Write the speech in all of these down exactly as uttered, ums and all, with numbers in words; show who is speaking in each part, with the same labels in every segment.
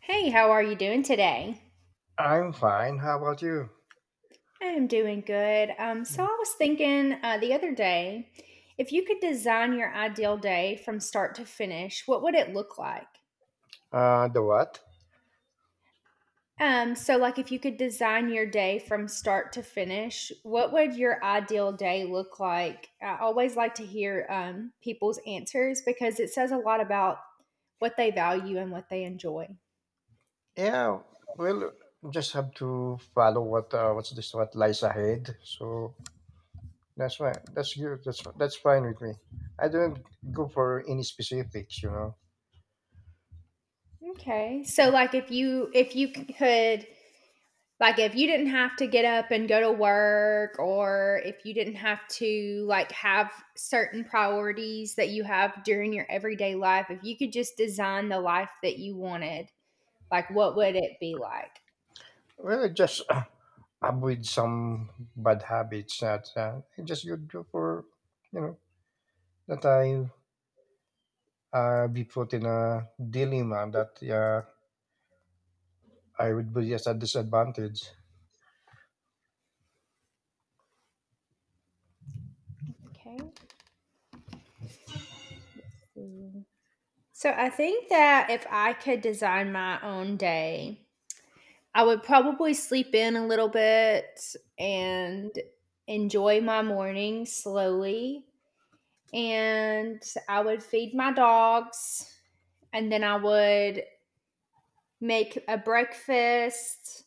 Speaker 1: Hey, how are you doing today?
Speaker 2: I'm fine. How about you?
Speaker 1: I am doing good. Um, so I was thinking uh, the other day, if you could design your ideal day from start to finish, what would it look like?
Speaker 2: Uh, the what?
Speaker 1: Um, so like if you could design your day from start to finish, what would your ideal day look like? I always like to hear um, people's answers because it says a lot about what they value and what they enjoy.
Speaker 2: Yeah, well, just have to follow what uh, what's this what lies ahead. So that's why, that's good. That's that's fine with me. I don't go for any specifics, you know.
Speaker 1: Okay. So like if you if you could, like, if you didn't have to get up and go to work, or if you didn't have to like have certain priorities that you have during your everyday life, if you could just design the life that you wanted, like, what would it be like?
Speaker 2: Well, just uh, avoid some bad habits that uh, I just good go for, you know, that I uh, be put in a dilemma that uh, I would be at a disadvantage.
Speaker 1: Okay, so I think that if I could design my own day, I would probably sleep in a little bit and enjoy my morning slowly, and I would feed my dogs, and then I would make a breakfast.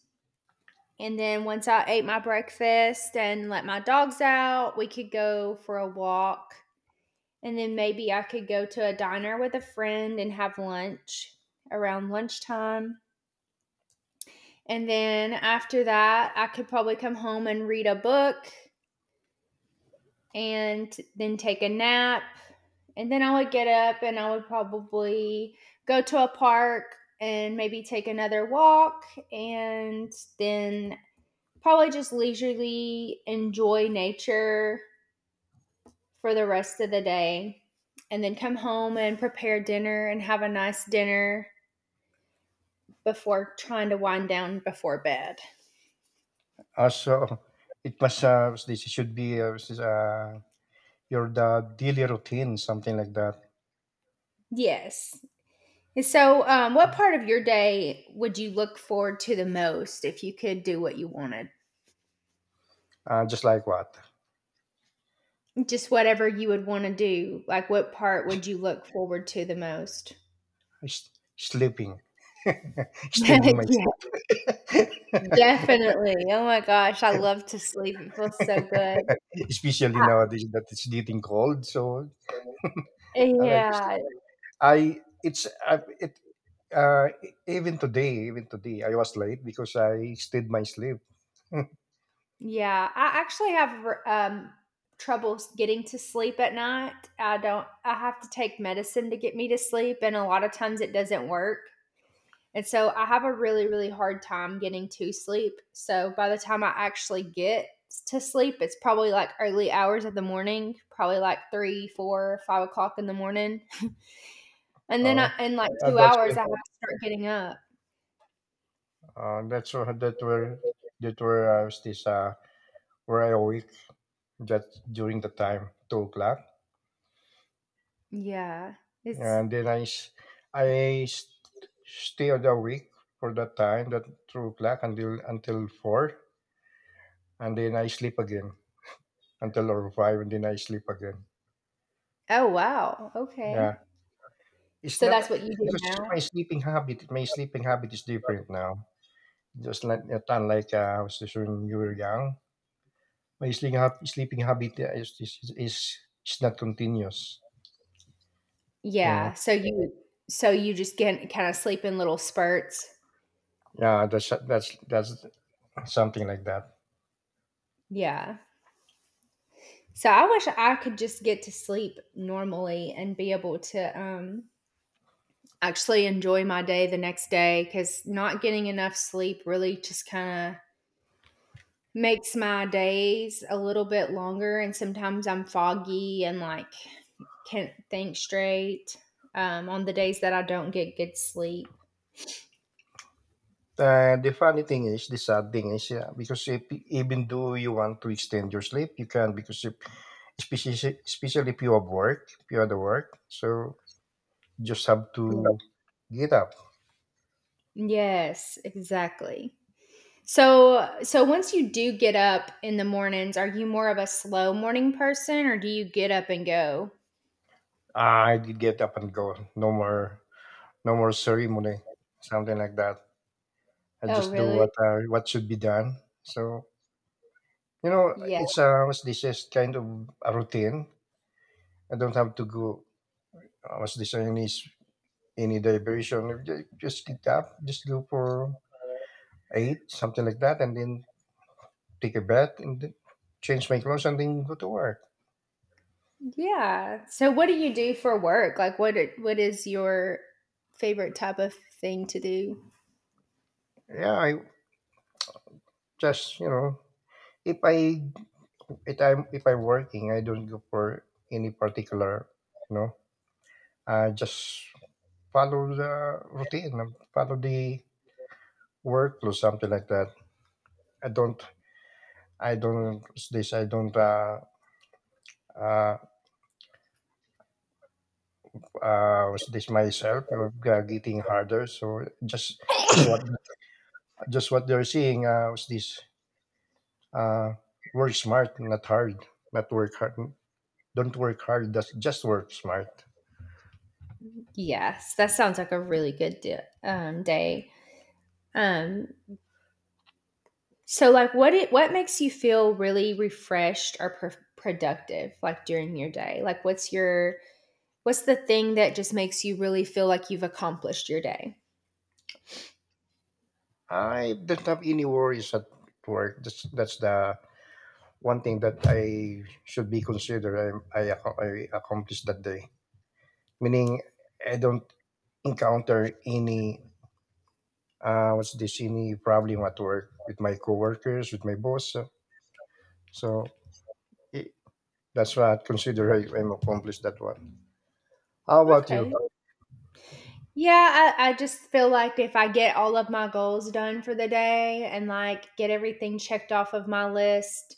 Speaker 1: And then once I ate my breakfast and let my dogs out, we could go for a walk. And then maybe I could go to a diner with a friend and have lunch around lunchtime. And then after that, I could probably come home and read a book and then take a nap. And then I would get up and I would probably go to a park and maybe take another walk, and then probably just leisurely enjoy nature for the rest of the day, and then come home and prepare dinner and have a nice dinner before trying to wind down before bed.
Speaker 2: Also, it must, uh, this should be, uh, this is, uh, your the daily routine, something like that.
Speaker 1: Yes. So, um, what part of your day would you look forward to the most if you could do what you wanted?
Speaker 2: Uh, just like what?
Speaker 1: Just whatever you would wanna do, like, what part would you look forward to the most?
Speaker 2: S- sleeping. Extending my sleep.
Speaker 1: Yeah, definitely. Oh my gosh, I love to sleep, it feels so good.
Speaker 2: Especially nowadays that it's getting cold. So, I like to sleep.
Speaker 1: Yeah,
Speaker 2: I, it's, uh, it, uh, e- even today, even today, I was late because I stayed my sleep.
Speaker 1: yeah, I actually have r um, trouble s getting to sleep at night. I don't I have to take medicine to get me to sleep, and a lot of times it doesn't work. And so I have a really, really hard time getting to sleep. So by the time I actually get to sleep, it's probably like early hours of the morning, probably like three, four, five o'clock in the morning. And then
Speaker 2: Oh,
Speaker 1: I, in like
Speaker 2: uh,
Speaker 1: two
Speaker 2: that's where,
Speaker 1: hours, I have to start getting up.
Speaker 2: uh, that's where, that where, that where I was this, uh, where I awake just during the time two o'clock.
Speaker 1: Yeah. It's,
Speaker 2: And then i s- i s- stay awake for that time that two o'clock until until four. And then I sleep again until or five. And then I sleep again.
Speaker 1: oh, wow. Okay.
Speaker 2: Yeah, it's
Speaker 1: So
Speaker 2: not,
Speaker 1: that's what
Speaker 2: it-
Speaker 1: you do
Speaker 2: because
Speaker 1: now?
Speaker 2: my sleeping habit my sleeping habit is different now, just like not unlike uh, was this when you were young. My sleeping, hab- sleeping habit uh, is, is is is is not continuous you know
Speaker 1: Yeah. So you, so you just get kind of sleep in little spurts.
Speaker 2: yeah, that's that's that's something like that.
Speaker 1: Yeah. So I wish I could just get to sleep normally and be able to, um, actually enjoy my day the next day because not getting enough sleep really just kind of makes my days a little bit longer. And sometimes I'm foggy and like can't think straight um, on the days that I don't get good sleep.
Speaker 2: And the funny thing is, the sad thing is, yeah, because if, even though you want to extend your sleep, you can because if, especially especially if you have work, if you have the work. So you just have
Speaker 1: Yeah.
Speaker 2: to get up.
Speaker 1: Yes, exactly. So, so once you do get up in the mornings, are you more of a slow morning person or do you get up and go?
Speaker 2: I did get up and go. No more, no more ceremony, something like that. I
Speaker 1: Oh,
Speaker 2: just do
Speaker 1: really?
Speaker 2: what uh, what should be done. So, you know,
Speaker 1: Yeah.
Speaker 2: it's uh, what's this is kind of a routine. I don't have to go. Uh, what's this any any diversion? Just just get up, just go for eight, something like that, and then take a bath and then change my clothes and then go to work.
Speaker 1: Yeah. So what do you do for work? Like what i- what is your favorite type of thing to do?
Speaker 2: Yeah, I just you know if I if I'm if I'm working, I don't go for any particular you know. I just follow the routine, follow the workflow, something like that. I don't I don't what's this I don't uh uh uh what's this myself uh, getting harder. So just just what just what they're seeing uh what's this Uh, work smart, not hard. Not work hard. Don't work hard. That's just work smart.
Speaker 1: Yes, that sounds like a really good di- um, day. Um so like what it what makes you feel really refreshed or pro- productive like during your day? Like what's your what's the thing that just makes you really feel like you've accomplished your day?
Speaker 2: I don't have any worries at work. That's that's the one thing that I should be considered. I I, ac- I accomplished that day. Meaning, I don't encounter any uh, what's this any problem at work with my coworkers, with my boss. So, so i- that's what I consider. I, I'm accomplished that one. How about
Speaker 1: Okay,
Speaker 2: you?
Speaker 1: yeah, I, I just feel like if I get all of my goals done for the day and like get everything checked off of my list,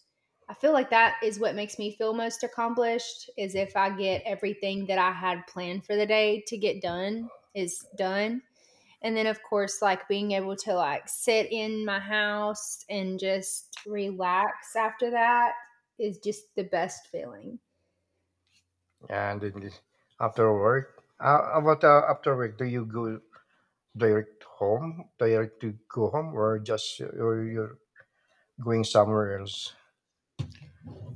Speaker 1: I feel like that is what makes me feel most accomplished is if I get everything that I had planned for the day to get done is done. And then of course like being able to like sit in my house and just relax after that is just the best feeling.
Speaker 2: And then after work, uh, about uh, after work, do you go direct home, direct to go home, or just or you're going somewhere else?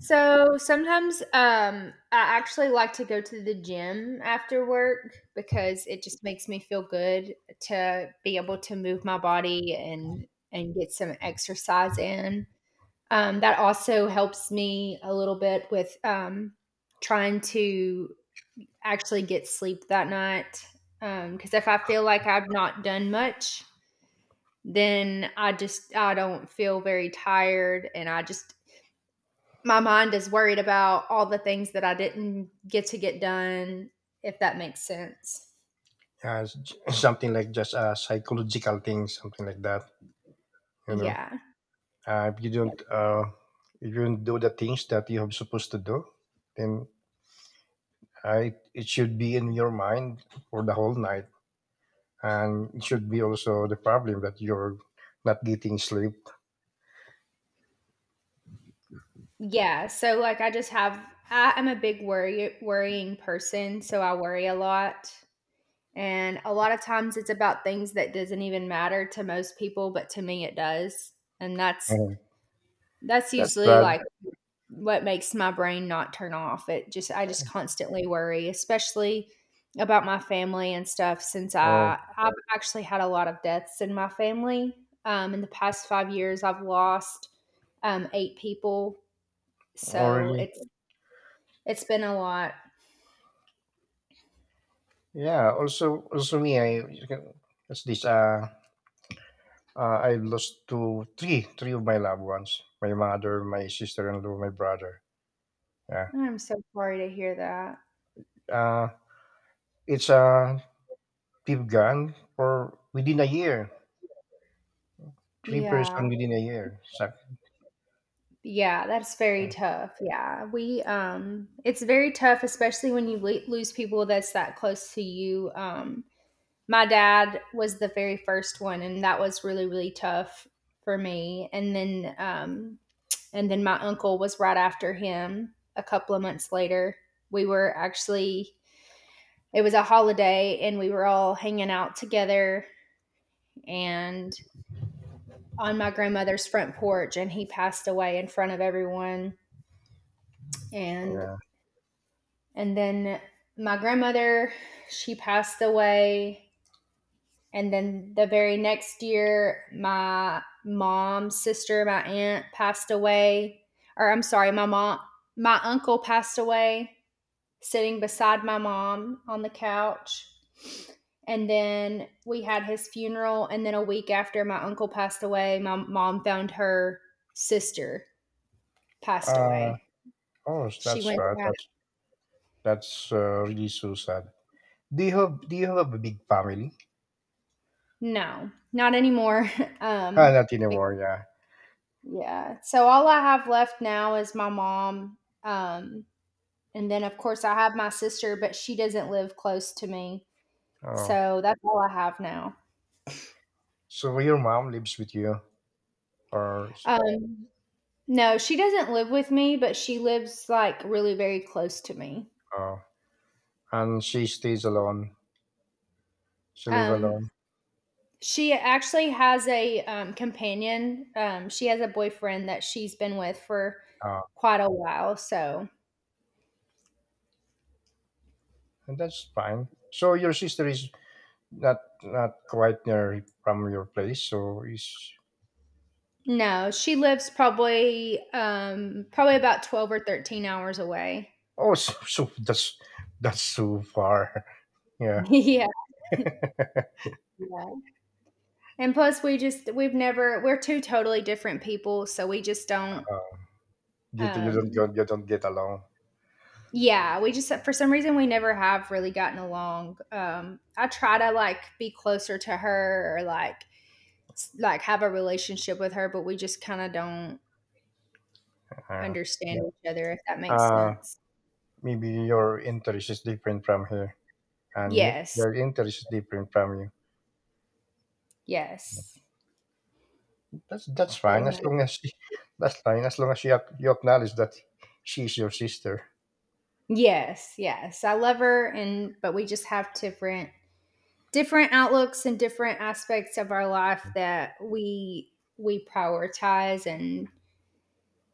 Speaker 1: So sometimes um, I actually like to go to the gym after work because it just makes me feel good to be able to move my body and and get some exercise in. Um, that also helps me a little bit with um, trying to actually get sleep that night. Because if I feel like I've not done much, then I just I don't feel very tired and I just my mind is worried about all the things that I didn't get to get done, if that makes sense.
Speaker 2: Uh, Something like just a psychological thing, something like that. You know,
Speaker 1: Yeah.
Speaker 2: uh, if you
Speaker 1: Yep.
Speaker 2: don't, uh, if you don't do the things that you have supposed to do, then I, it should be in your mind for the whole night, and it should be also the problem that you're not getting sleep.
Speaker 1: Yeah. So like I just have I am a big worry worrying person, so I worry a lot. And a lot of times it's about things that doesn't even matter to most people, but to me it does. And that's
Speaker 2: Uh,
Speaker 1: that's
Speaker 2: that's
Speaker 1: usually
Speaker 2: bad.
Speaker 1: like what makes my brain not turn off. It just I just constantly worry, especially about my family and stuff since
Speaker 2: Oh,
Speaker 1: I I've actually had a lot of deaths in my family. Um, in the past five years I've lost um, eight people,
Speaker 2: oh
Speaker 1: so
Speaker 2: really?
Speaker 1: it's it's been a lot.
Speaker 2: Yeah, also also me, I as this uh, uh I lost two three three of my loved ones. My mother, my sister in law, my brother. Yeah.
Speaker 1: I'm so sorry to hear that.
Speaker 2: Uh it's uh they've gone for within a year. Three person
Speaker 1: Yeah.
Speaker 2: within a year. So,
Speaker 1: Yeah, that's very
Speaker 2: yeah,
Speaker 1: tough. Yeah. We um it's very tough, especially when you le lose people that's that close to you. Um my dad was the very first one, and that was really really tough for me. And then um, and then my uncle was right after him. A couple of months later, we were actually it was a holiday, and we were all hanging out together and on my grandmother's front porch, and he passed away in front of everyone. And
Speaker 2: yeah.
Speaker 1: and then my grandmother, she passed away. And then the very next year, my mom's sister, my aunt passed away. Or I'm sorry, my mom, my uncle passed away sitting beside my mom on the couch. And then we had his funeral. And then a week after my uncle passed away, my mom found her sister passed
Speaker 2: Uh
Speaker 1: away.
Speaker 2: oh, so
Speaker 1: She
Speaker 2: that's
Speaker 1: went
Speaker 2: bad.
Speaker 1: to,
Speaker 2: That's that's uh, really so sad. Do you have do you have a big family?
Speaker 1: no, not anymore.
Speaker 2: Ah,
Speaker 1: um,
Speaker 2: not
Speaker 1: bec-
Speaker 2: anymore, yeah.
Speaker 1: yeah. So all I have left now is my mom. Um, And then, of course, I have my sister, but she doesn't live close to me.
Speaker 2: Oh.
Speaker 1: So that's all I have now.
Speaker 2: So your mom lives with you or
Speaker 1: Um, no, she doesn't live with me, but she lives like really very close to me.
Speaker 2: uh, and she stays alone. She live
Speaker 1: Um,
Speaker 2: alone.
Speaker 1: she actually has a um, companion. Um, she has a boyfriend that she's been with for
Speaker 2: Ah,
Speaker 1: quite a while. So
Speaker 2: and that's fine. So your sister is not not quite near from your place, so is?
Speaker 1: no, she lives probably um, probably about twelve or thirteen hours away.
Speaker 2: Oh, so, so that's that's so far. Yeah,
Speaker 1: yeah. Yeah. And plus, we just, we've never, we're two totally different people. So we just don't,
Speaker 2: you, you don't
Speaker 1: um,
Speaker 2: go, you don't get along.
Speaker 1: yeah, we just, for some reason, we never have really gotten along. Um, I try to like be closer to her or like, s- like have a relationship with her, but we just kind of don't
Speaker 2: Uh,
Speaker 1: understand
Speaker 2: yeah.
Speaker 1: each other, if that makes
Speaker 2: uh
Speaker 1: sense.
Speaker 2: Maybe your interest is different from her, and he,
Speaker 1: Yes.
Speaker 2: your interest is different from you.
Speaker 1: Yes.
Speaker 2: That's that's
Speaker 1: Very
Speaker 2: fine as
Speaker 1: much.
Speaker 2: long as she, that's fine as long as she ac- you acknowledge that she's your sister.
Speaker 1: Yes. Yes. I love her. And, but we just have different different outlooks and different aspects of our life that we we prioritize, and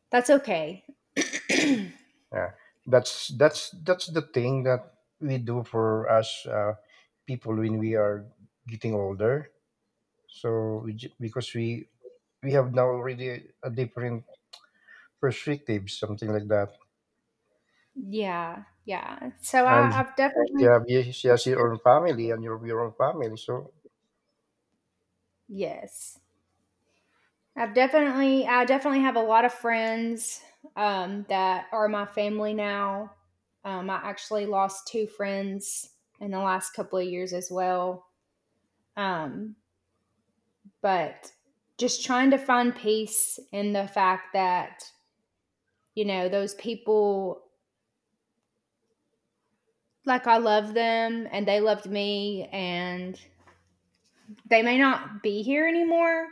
Speaker 1: that's okay.
Speaker 2: Yeah, that's that's that's the thing that we do for us uh, people when we are getting older. So we, ju- because we we have now already a different perspective, something like that,
Speaker 1: Yeah, yeah, so
Speaker 2: and
Speaker 1: I, I've definitely
Speaker 2: yeah, you have- you your own family and your your own family. So
Speaker 1: yes I've definitely I definitely have a lot of friends um, that are my family now. Um, i actually lost two friends in the last couple of years as well. Um, but just trying to find peace in the fact that you know, those people, like I love them and they loved me, and they may not be here anymore,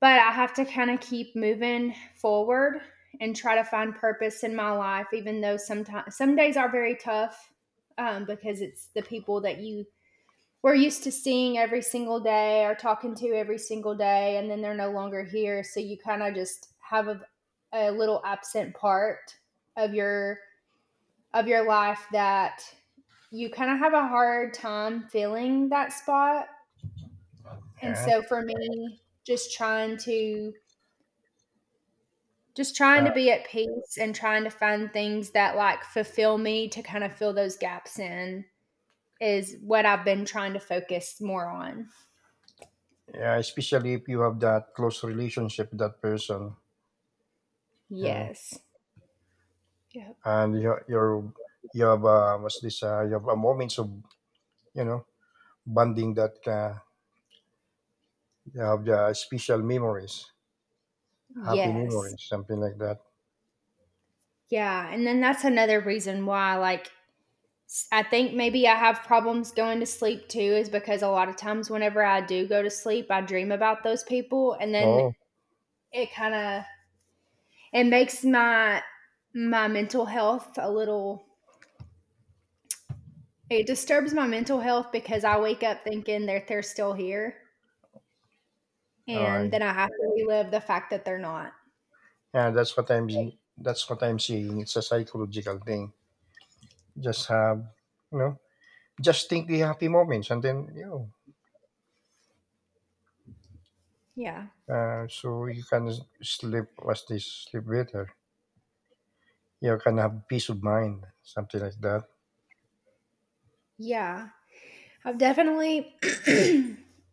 Speaker 1: but I have to kind of keep moving forward and try to find purpose in my life, even though sometimes some days are very tough um, because it's the people that you were used to seeing every single day or talking to every single day, and then they're no longer here. So you kind of just have a, a little absent part of your of your life that you kind of have a hard time filling that spot. And
Speaker 2: yeah,
Speaker 1: so for me, just trying to just trying
Speaker 2: yeah,
Speaker 1: to be at peace and trying to find things that like fulfill me to kind of fill those gaps in is what I've been trying to focus more on.
Speaker 2: yeah. Especially if you have that close relationship with that person, yeah,
Speaker 1: Yes. Yep.
Speaker 2: and you you're, you have uh, what's this? Uh, you have a moments of you know bonding that uh, you have the special memories, happy
Speaker 1: Yes.
Speaker 2: memories, something like that.
Speaker 1: Yeah, and then that's another reason why like S- I think maybe I have problems going to sleep too, is because a lot of times whenever I do go to sleep, I dream about those people, and then
Speaker 2: Oh,
Speaker 1: it kind of it makes my my mental health a little. It disturbs my mental health because I wake up thinking that they're still here,
Speaker 2: all
Speaker 1: and
Speaker 2: right.
Speaker 1: then I have to relive the fact that they're not.
Speaker 2: Yeah, that's what I'm. That's what I'm seeing. It's a psychological thing. Just have, you know, just think the happy moments, and then you know,
Speaker 1: Yeah,
Speaker 2: uh, so you can s- sleep. What's this? Sleep better. You can have peace of mind, something like that.
Speaker 1: yeah. I've definitely,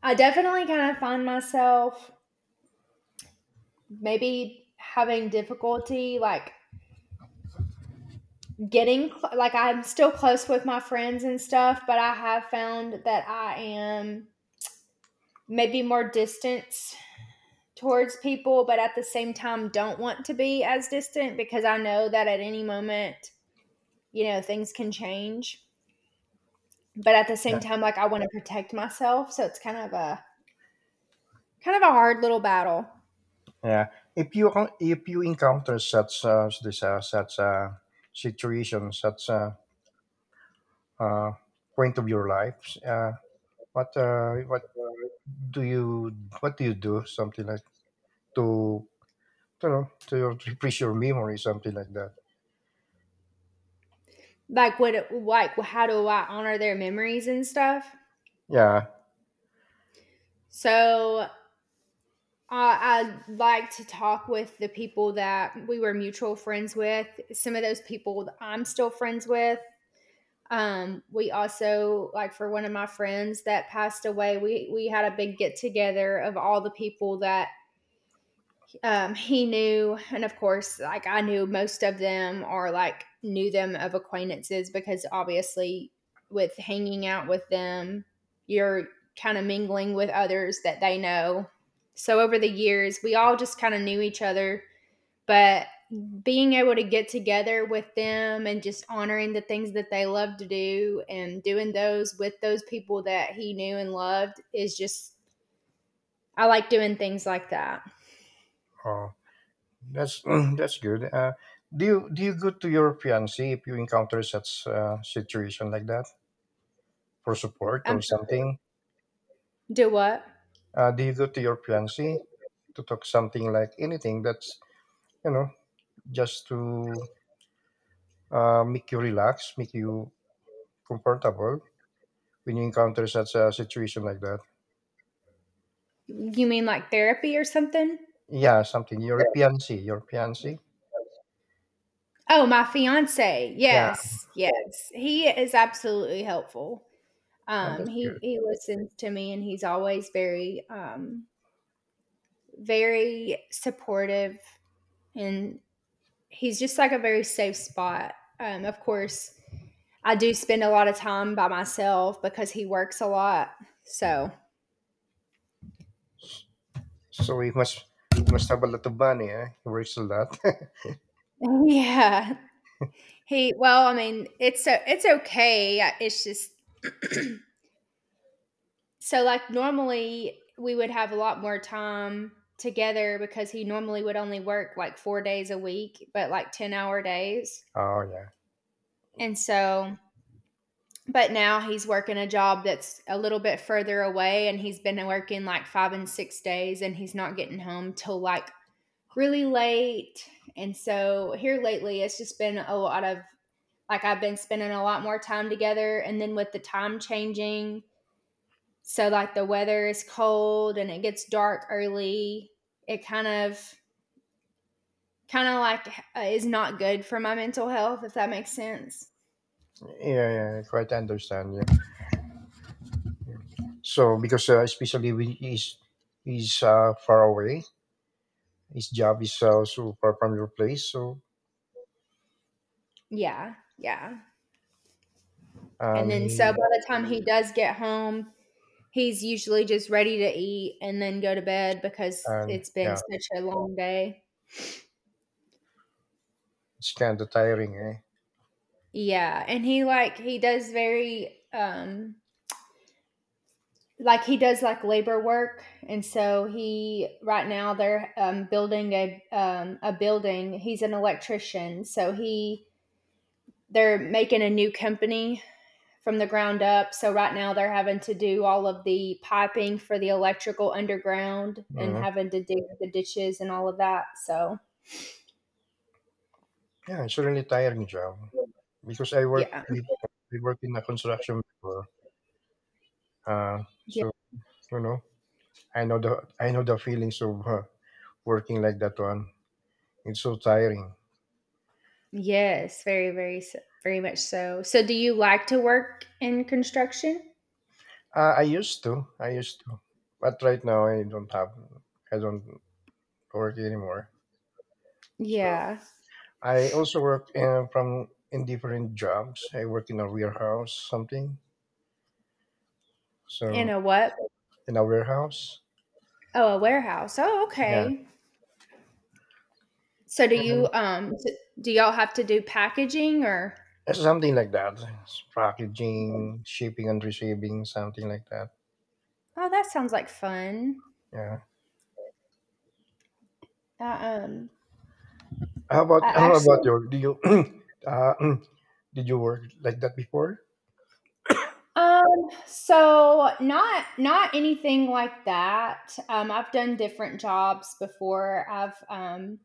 Speaker 1: I definitely kind of find myself maybe having difficulty like getting like I'm still close with my friends and stuff, but I have found that I am maybe more distant towards people, but at the same time don't want to be as distant because I know that at any moment, you know, things can change. But at the
Speaker 2: Yeah.
Speaker 1: same time, like I want to protect myself, so it's kind of a kind of a hard little battle.
Speaker 2: Yeah. If you con- if you encounter such uh, this uh, such uh, situation, such uh, uh, point of your life, uh, what uh, what do you what do you do, something like to, you know to your- to refresh your memory, something like that.
Speaker 1: Like what, like how do I honor their memories and stuff?
Speaker 2: Yeah.
Speaker 1: So I, I like to talk with the people that we were mutual friends with. Some of those people that I'm still friends with. Um, we also like for one of my friends that passed away, we we had a big get together of all the people that um, he knew, and of course, like I knew most of them or like knew them of acquaintances because obviously, with hanging out with them, you're kind of mingling with others that they know. So, over the years, we all just kind of knew each other. But being able to get together with them and just honoring the things that they love to do and doing those with those people that he knew and loved is just, I like doing things like that.
Speaker 2: Oh, that's that's good. uh, do you do you go to your fiance if you encounter such uh, situation like that for support
Speaker 1: I'm
Speaker 2: or
Speaker 1: sure.
Speaker 2: something?
Speaker 1: Do what?
Speaker 2: uh, do you go to your fiance to talk something, like anything that's, you know just to uh, make you relax, make you comfortable when you encounter such a situation like that.
Speaker 1: You mean like therapy or something?
Speaker 2: Yeah, something,
Speaker 1: Yeah.
Speaker 2: your fiance your fiance.
Speaker 1: Oh, my fiance.
Speaker 2: Yeah.
Speaker 1: Yes, yes. He is absolutely helpful.
Speaker 2: And
Speaker 1: Um,
Speaker 2: that's
Speaker 1: he
Speaker 2: good.
Speaker 1: he listens to me, and he's always very, um, very supportive, and he's just like a very safe spot. Um, of course, I do spend a lot of time by myself because he works a lot. So,
Speaker 2: So he must he must have a lot of money, eh? He works a lot.
Speaker 1: yeah, he. Well, I mean, it's o- it's okay. I- It's just so, like, normally we would have a lot more time together because he normally would only work like four days a week, but like ten hour days.
Speaker 2: Oh, yeah,
Speaker 1: And so, but now he's working a job that's a little bit further away and he's been working like five and six days and he's not getting home till like really late. And so, here lately, it's just been a lot of like I've been spending a lot more time together. And then with the time changing, so like the weather is cold and it gets dark early. It kind of kind of like uh, is not good for my mental health, if that makes sense.
Speaker 2: yeah, yeah. Quite understand. Yeah. So because uh, especially when he's, he's uh, far away, his job is uh, so far from your place. So,
Speaker 1: Yeah. Yeah. And
Speaker 2: and
Speaker 1: then so by
Speaker 2: he,
Speaker 1: the time he does get home, he's usually just ready to eat and then go to bed because
Speaker 2: and
Speaker 1: it's been
Speaker 2: yeah,
Speaker 1: such a long day.
Speaker 2: it's kind of tiring, eh?
Speaker 1: Yeah, and he like he does very um like he does like labor work. And so he right now they're um, building a um, a building. He's an electrician, so he they're making a new company from the ground up. So right now they're having to do all of the piping for the electrical underground and
Speaker 2: Yeah,
Speaker 1: having to dig the ditches and all of that. So
Speaker 2: yeah. It's a really tiring job because I work
Speaker 1: yeah,
Speaker 2: with, I work in a construction before. Uh,
Speaker 1: yeah,
Speaker 2: so you know, I know the, I know the feelings of uh, working like that one. It's so tiring.
Speaker 1: yes, very very s- very much so. So do you like to work in construction?
Speaker 2: Uh, I used to. I used to. But right now I don't have, I don't work anymore. So
Speaker 1: Yeah,
Speaker 2: I also work in, from in different jobs. I work in a warehouse, something.
Speaker 1: in
Speaker 2: So
Speaker 1: a what?
Speaker 2: in a warehouse.
Speaker 1: Oh, a warehouse. Oh,
Speaker 2: Yeah.
Speaker 1: okay. So do you
Speaker 2: And
Speaker 1: um s- do y'all have to do packaging, or
Speaker 2: something like that. It's
Speaker 1: mhm?
Speaker 2: packaging, shipping and receiving, something like that.
Speaker 1: Oh, that sounds like fun.
Speaker 2: Yeah.
Speaker 1: I, um
Speaker 2: How
Speaker 1: I
Speaker 2: about how about
Speaker 1: actually
Speaker 2: your, do you uh, did you work like that before?
Speaker 1: um so not not anything like that. Um I've done different jobs before. I've um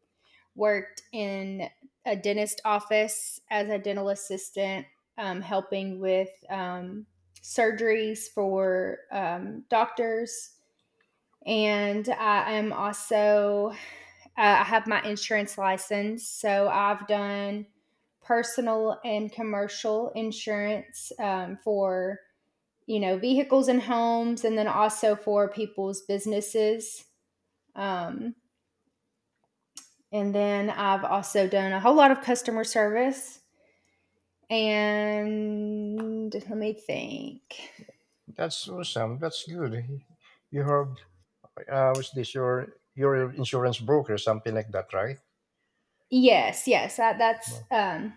Speaker 1: worked in a dentist office as a dental assistant um helping with um surgeries for um doctors. And I am also uh, I have my insurance license, so I've done personal and commercial insurance um, for you know vehicles and homes, and then also for people's businesses. Um, and then I've also done a whole lot of customer service. And let me think.
Speaker 2: That's awesome. That's good. You have. Uh, was this your your insurance broker, something like that, right?
Speaker 1: Yes, yes. That that's
Speaker 2: No.
Speaker 1: um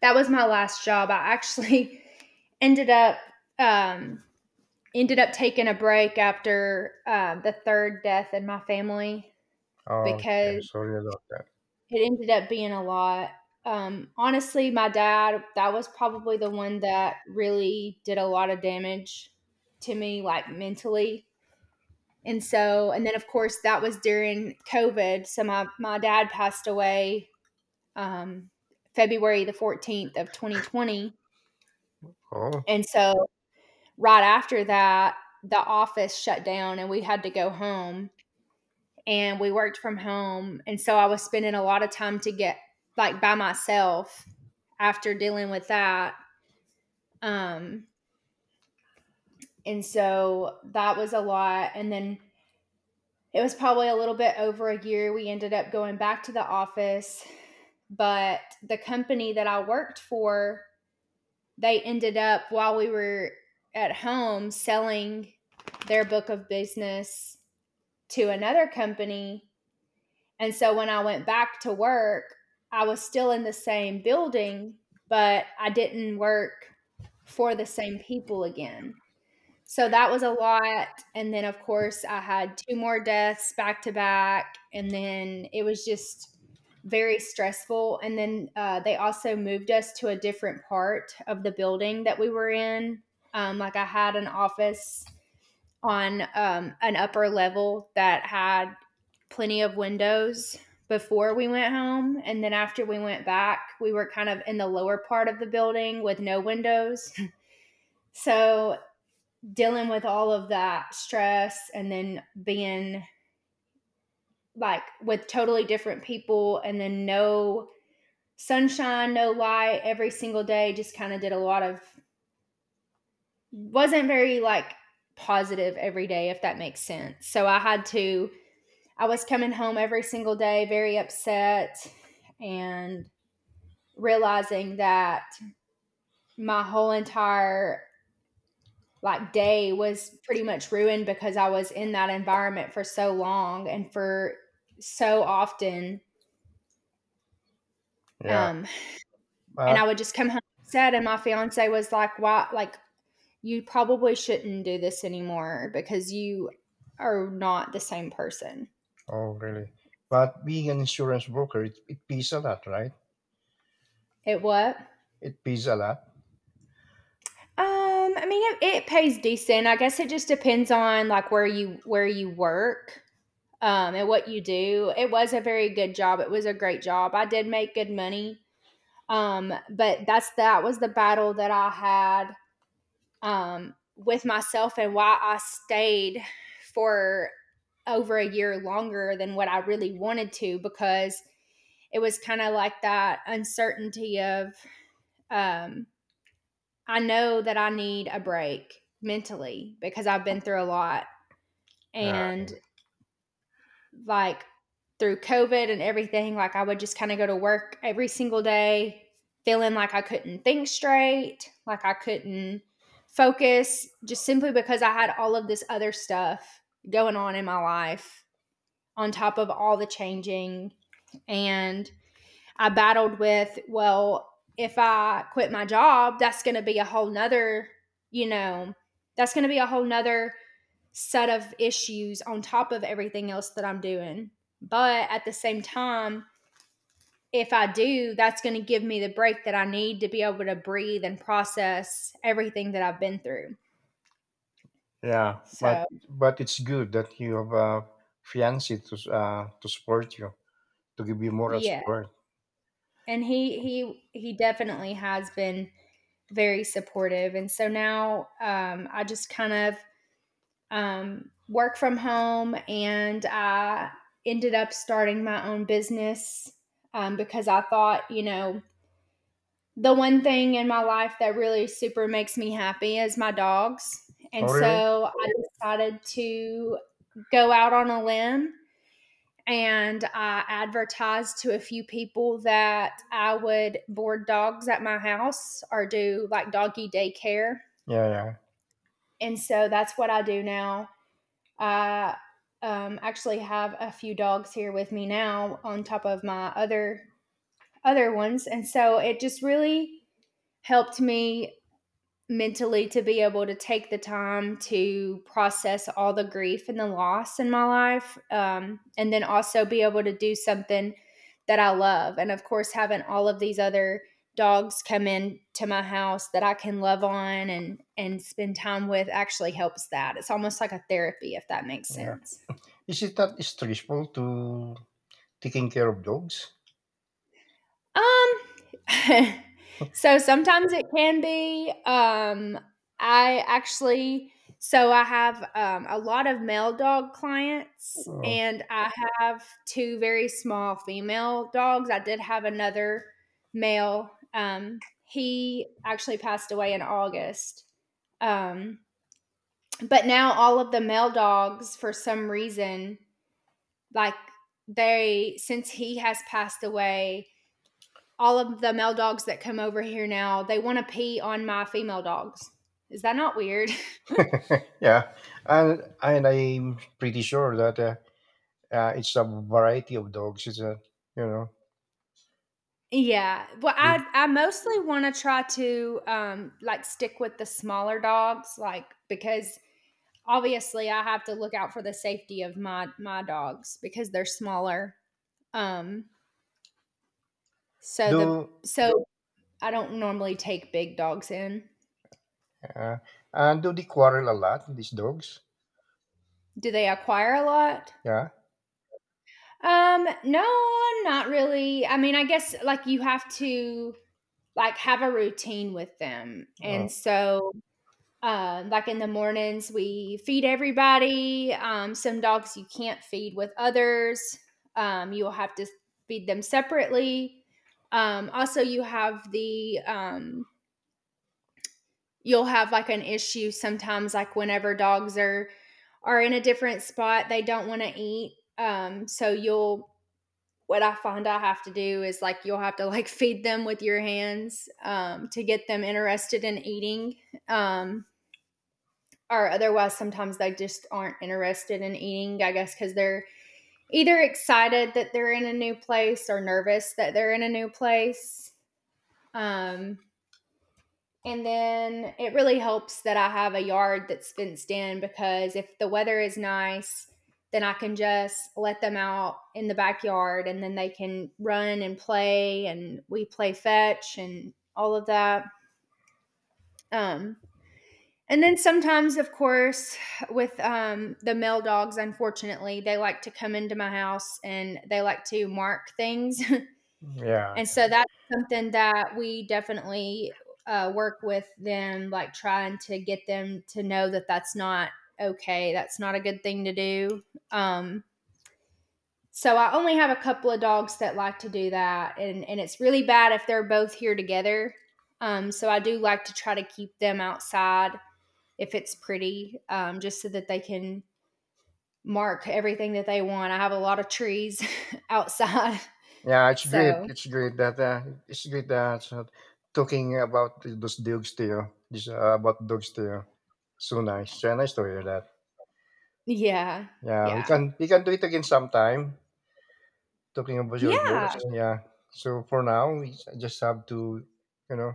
Speaker 1: that was my last job. I actually ended up um ended up taking a break after uh, the third death in my family
Speaker 2: Oh, okay.
Speaker 1: because
Speaker 2: Sorry about that.
Speaker 1: it ended up being a lot. Um honestly, my dad, that was probably the one that really did a lot of damage to me like mentally. And so and then of course that was during COVID. So my my dad passed away, um, February the fourteenth of twenty twenty.
Speaker 2: Oh,
Speaker 1: And so right after that, the office shut down and we had to go home and we worked from home. And so I was spending a lot of time to get like by myself after dealing with that. Um, and so that was a lot. And then it was probably a little bit over a year. We ended up going back to the office, but the company that I worked for, they ended up while we were at home selling their book of business to another company. And so when I went back to work, I was still in the same building, but I didn't work for the same people again. So that was a lot, and then, of course, I had two more deaths back to back, and then it was just very stressful, and then, uh, they also moved us to a different part of the building that we were in. Um, like, I had an office on, um, an upper level that had plenty of windows before we went home, and then after we went back, we were kind of in the lower part of the building with no windows. So, dealing with all of that stress and then being like with totally different people and then no sunshine, no light every single day, just kind of did a lot of, wasn't very like positive every day, if that makes sense. So I had to, I was coming home every single day very upset and realizing that my whole entire like day was pretty much ruined because I was in that environment for so long and for so often.
Speaker 2: yeah.
Speaker 1: Um, and I
Speaker 2: But
Speaker 1: would just come home upset, and my fiance was like, "Why? Like, you probably shouldn't do this anymore because you are not the same person."
Speaker 2: oh, really? But being an insurance broker, it, it pays a lot, right?
Speaker 1: It what?
Speaker 2: It pays a lot.
Speaker 1: Um, I mean, it, it pays decent. I guess it just depends on like where you where you work, um, and what you do. It was a very good job. It was a great job. I did make good money. Um, but that's that was the battle that I had, um, with myself, and why I stayed for over a year longer than what I really wanted to, because it was kind of like that uncertainty of, um, I know that I need a break mentally because I've been through a lot.
Speaker 2: Yeah,
Speaker 1: And like through COVID and everything, like I would just kind of go to work every single day feeling like I couldn't think straight, like I couldn't focus just simply because I had all of this other stuff going on in my life on top of all the changing. And I battled with, well, if I quit my job, that's going to be a whole nother, you know, that's going to be a whole nother set of issues on top of everything else that I'm doing. But at the same time, if I do, that's going to give me the break that I need to be able to breathe and process everything that I've been through.
Speaker 2: yeah. But
Speaker 1: So,
Speaker 2: but it's good that you have a fiance to s- uh, to support you, to give you moral
Speaker 1: yeah.
Speaker 2: support.
Speaker 1: And he he he definitely has been very supportive. And so now um I just kind of um, work from home, and I ended up starting my own business, um, because I thought, you know, the one thing in my life that really super makes me happy is my dogs.
Speaker 2: Oh,
Speaker 1: And
Speaker 2: really?
Speaker 1: so I decided to go out on a limb and I advertised to a few people that I would board dogs at my house or do like doggy daycare.
Speaker 2: Yeah,
Speaker 1: And so that's what I do now. I, um, actually have a few dogs here with me now on top of my other other ones, and so it just really helped me mentally to be able to take the time to process all the grief and the loss in my life, um, and then also be able to do something that I love. And of course having all of these other dogs come in to my house that I can love on and and spend time with actually helps. That it's almost like a therapy, if that makes
Speaker 2: yeah, yeah.
Speaker 1: sense.
Speaker 2: Is it that stressful to taking care of dogs?
Speaker 1: Um, so sometimes it can be. Um, I actually, so I have um, a lot of male dog clients,
Speaker 2: Oh,
Speaker 1: and I have two very small female dogs. I did have another male. Um, he actually passed away in August. Um, but now all of the male dogs, for some reason, like they, since he has passed away, all of the male dogs that come over here now, they want to pee on my female dogs. Is that not weird?
Speaker 2: yeah, and and I'm pretty sure that. Uh, Uh, it's a variety of dogs. It's a, you know
Speaker 1: Yeah. Well,
Speaker 2: do
Speaker 1: I I mostly want to try to um like stick with the smaller dogs like because obviously I have to look out for the safety of my my dogs because they're smaller. Um so the
Speaker 2: do,
Speaker 1: so I don't normally take big dogs in.
Speaker 2: uh, uh, do they quarrel a lot? These dogs,
Speaker 1: Do they acquire a lot?
Speaker 2: yeah,
Speaker 1: Um, no, not really. I mean, I guess like you have to like have a routine with them. And
Speaker 2: oh,
Speaker 1: so, uh, like in the mornings, we feed everybody. Um, some dogs you can't feed with others. Um, you will have to feed them separately. Um, also, you have the um, you'll have like an issue sometimes, like whenever dogs are are in a different spot, they don't want to eat. Um, so you'll what I find I have to do is like you'll have to like feed them with your hands, um, to get them interested in eating. Um, or otherwise, sometimes they just aren't interested in eating, I guess, because they're either excited that they're in a new place or nervous that they're in a new place. Um, And then it really helps that I have a yard that's fenced in, because if the weather is nice, then I can just let them out in the backyard and then they can run and play and we play fetch and all of that. Um, and then sometimes, of course, with um, the male dogs, unfortunately, they like to come into my house and they like to mark things.
Speaker 2: yeah,
Speaker 1: And so that's something that we definitely uh, work with them, like trying to get them to know that that's not okay. That's not a good thing to do. Um, so I only have a couple of dogs that like to do that, and and it's really bad if they're both here together. Um, so I do like to try to keep them outside if it's pretty, um, just so that they can mark everything that they want. I have a lot of trees outside,
Speaker 2: yeah. It's great.
Speaker 1: so
Speaker 2: It's great that uh, it's great that uh, talking about those dogs to you. This uh, about dogs to you. So nice. Yeah, nice to hear that.
Speaker 1: yeah,
Speaker 2: Yeah, we
Speaker 1: yeah,
Speaker 2: can we can do it again sometime. Talking about your dogs.
Speaker 1: yeah.
Speaker 2: Yeah. So for now, we s- just have to, you know,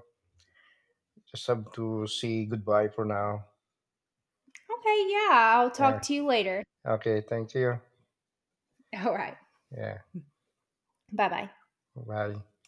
Speaker 2: just have to say goodbye for now.
Speaker 1: Okay, yeah, I'll
Speaker 2: Yeah.
Speaker 1: talk to you later.
Speaker 2: Okay. Thank you.
Speaker 1: All right.
Speaker 2: É,
Speaker 1: Bye bye.
Speaker 2: a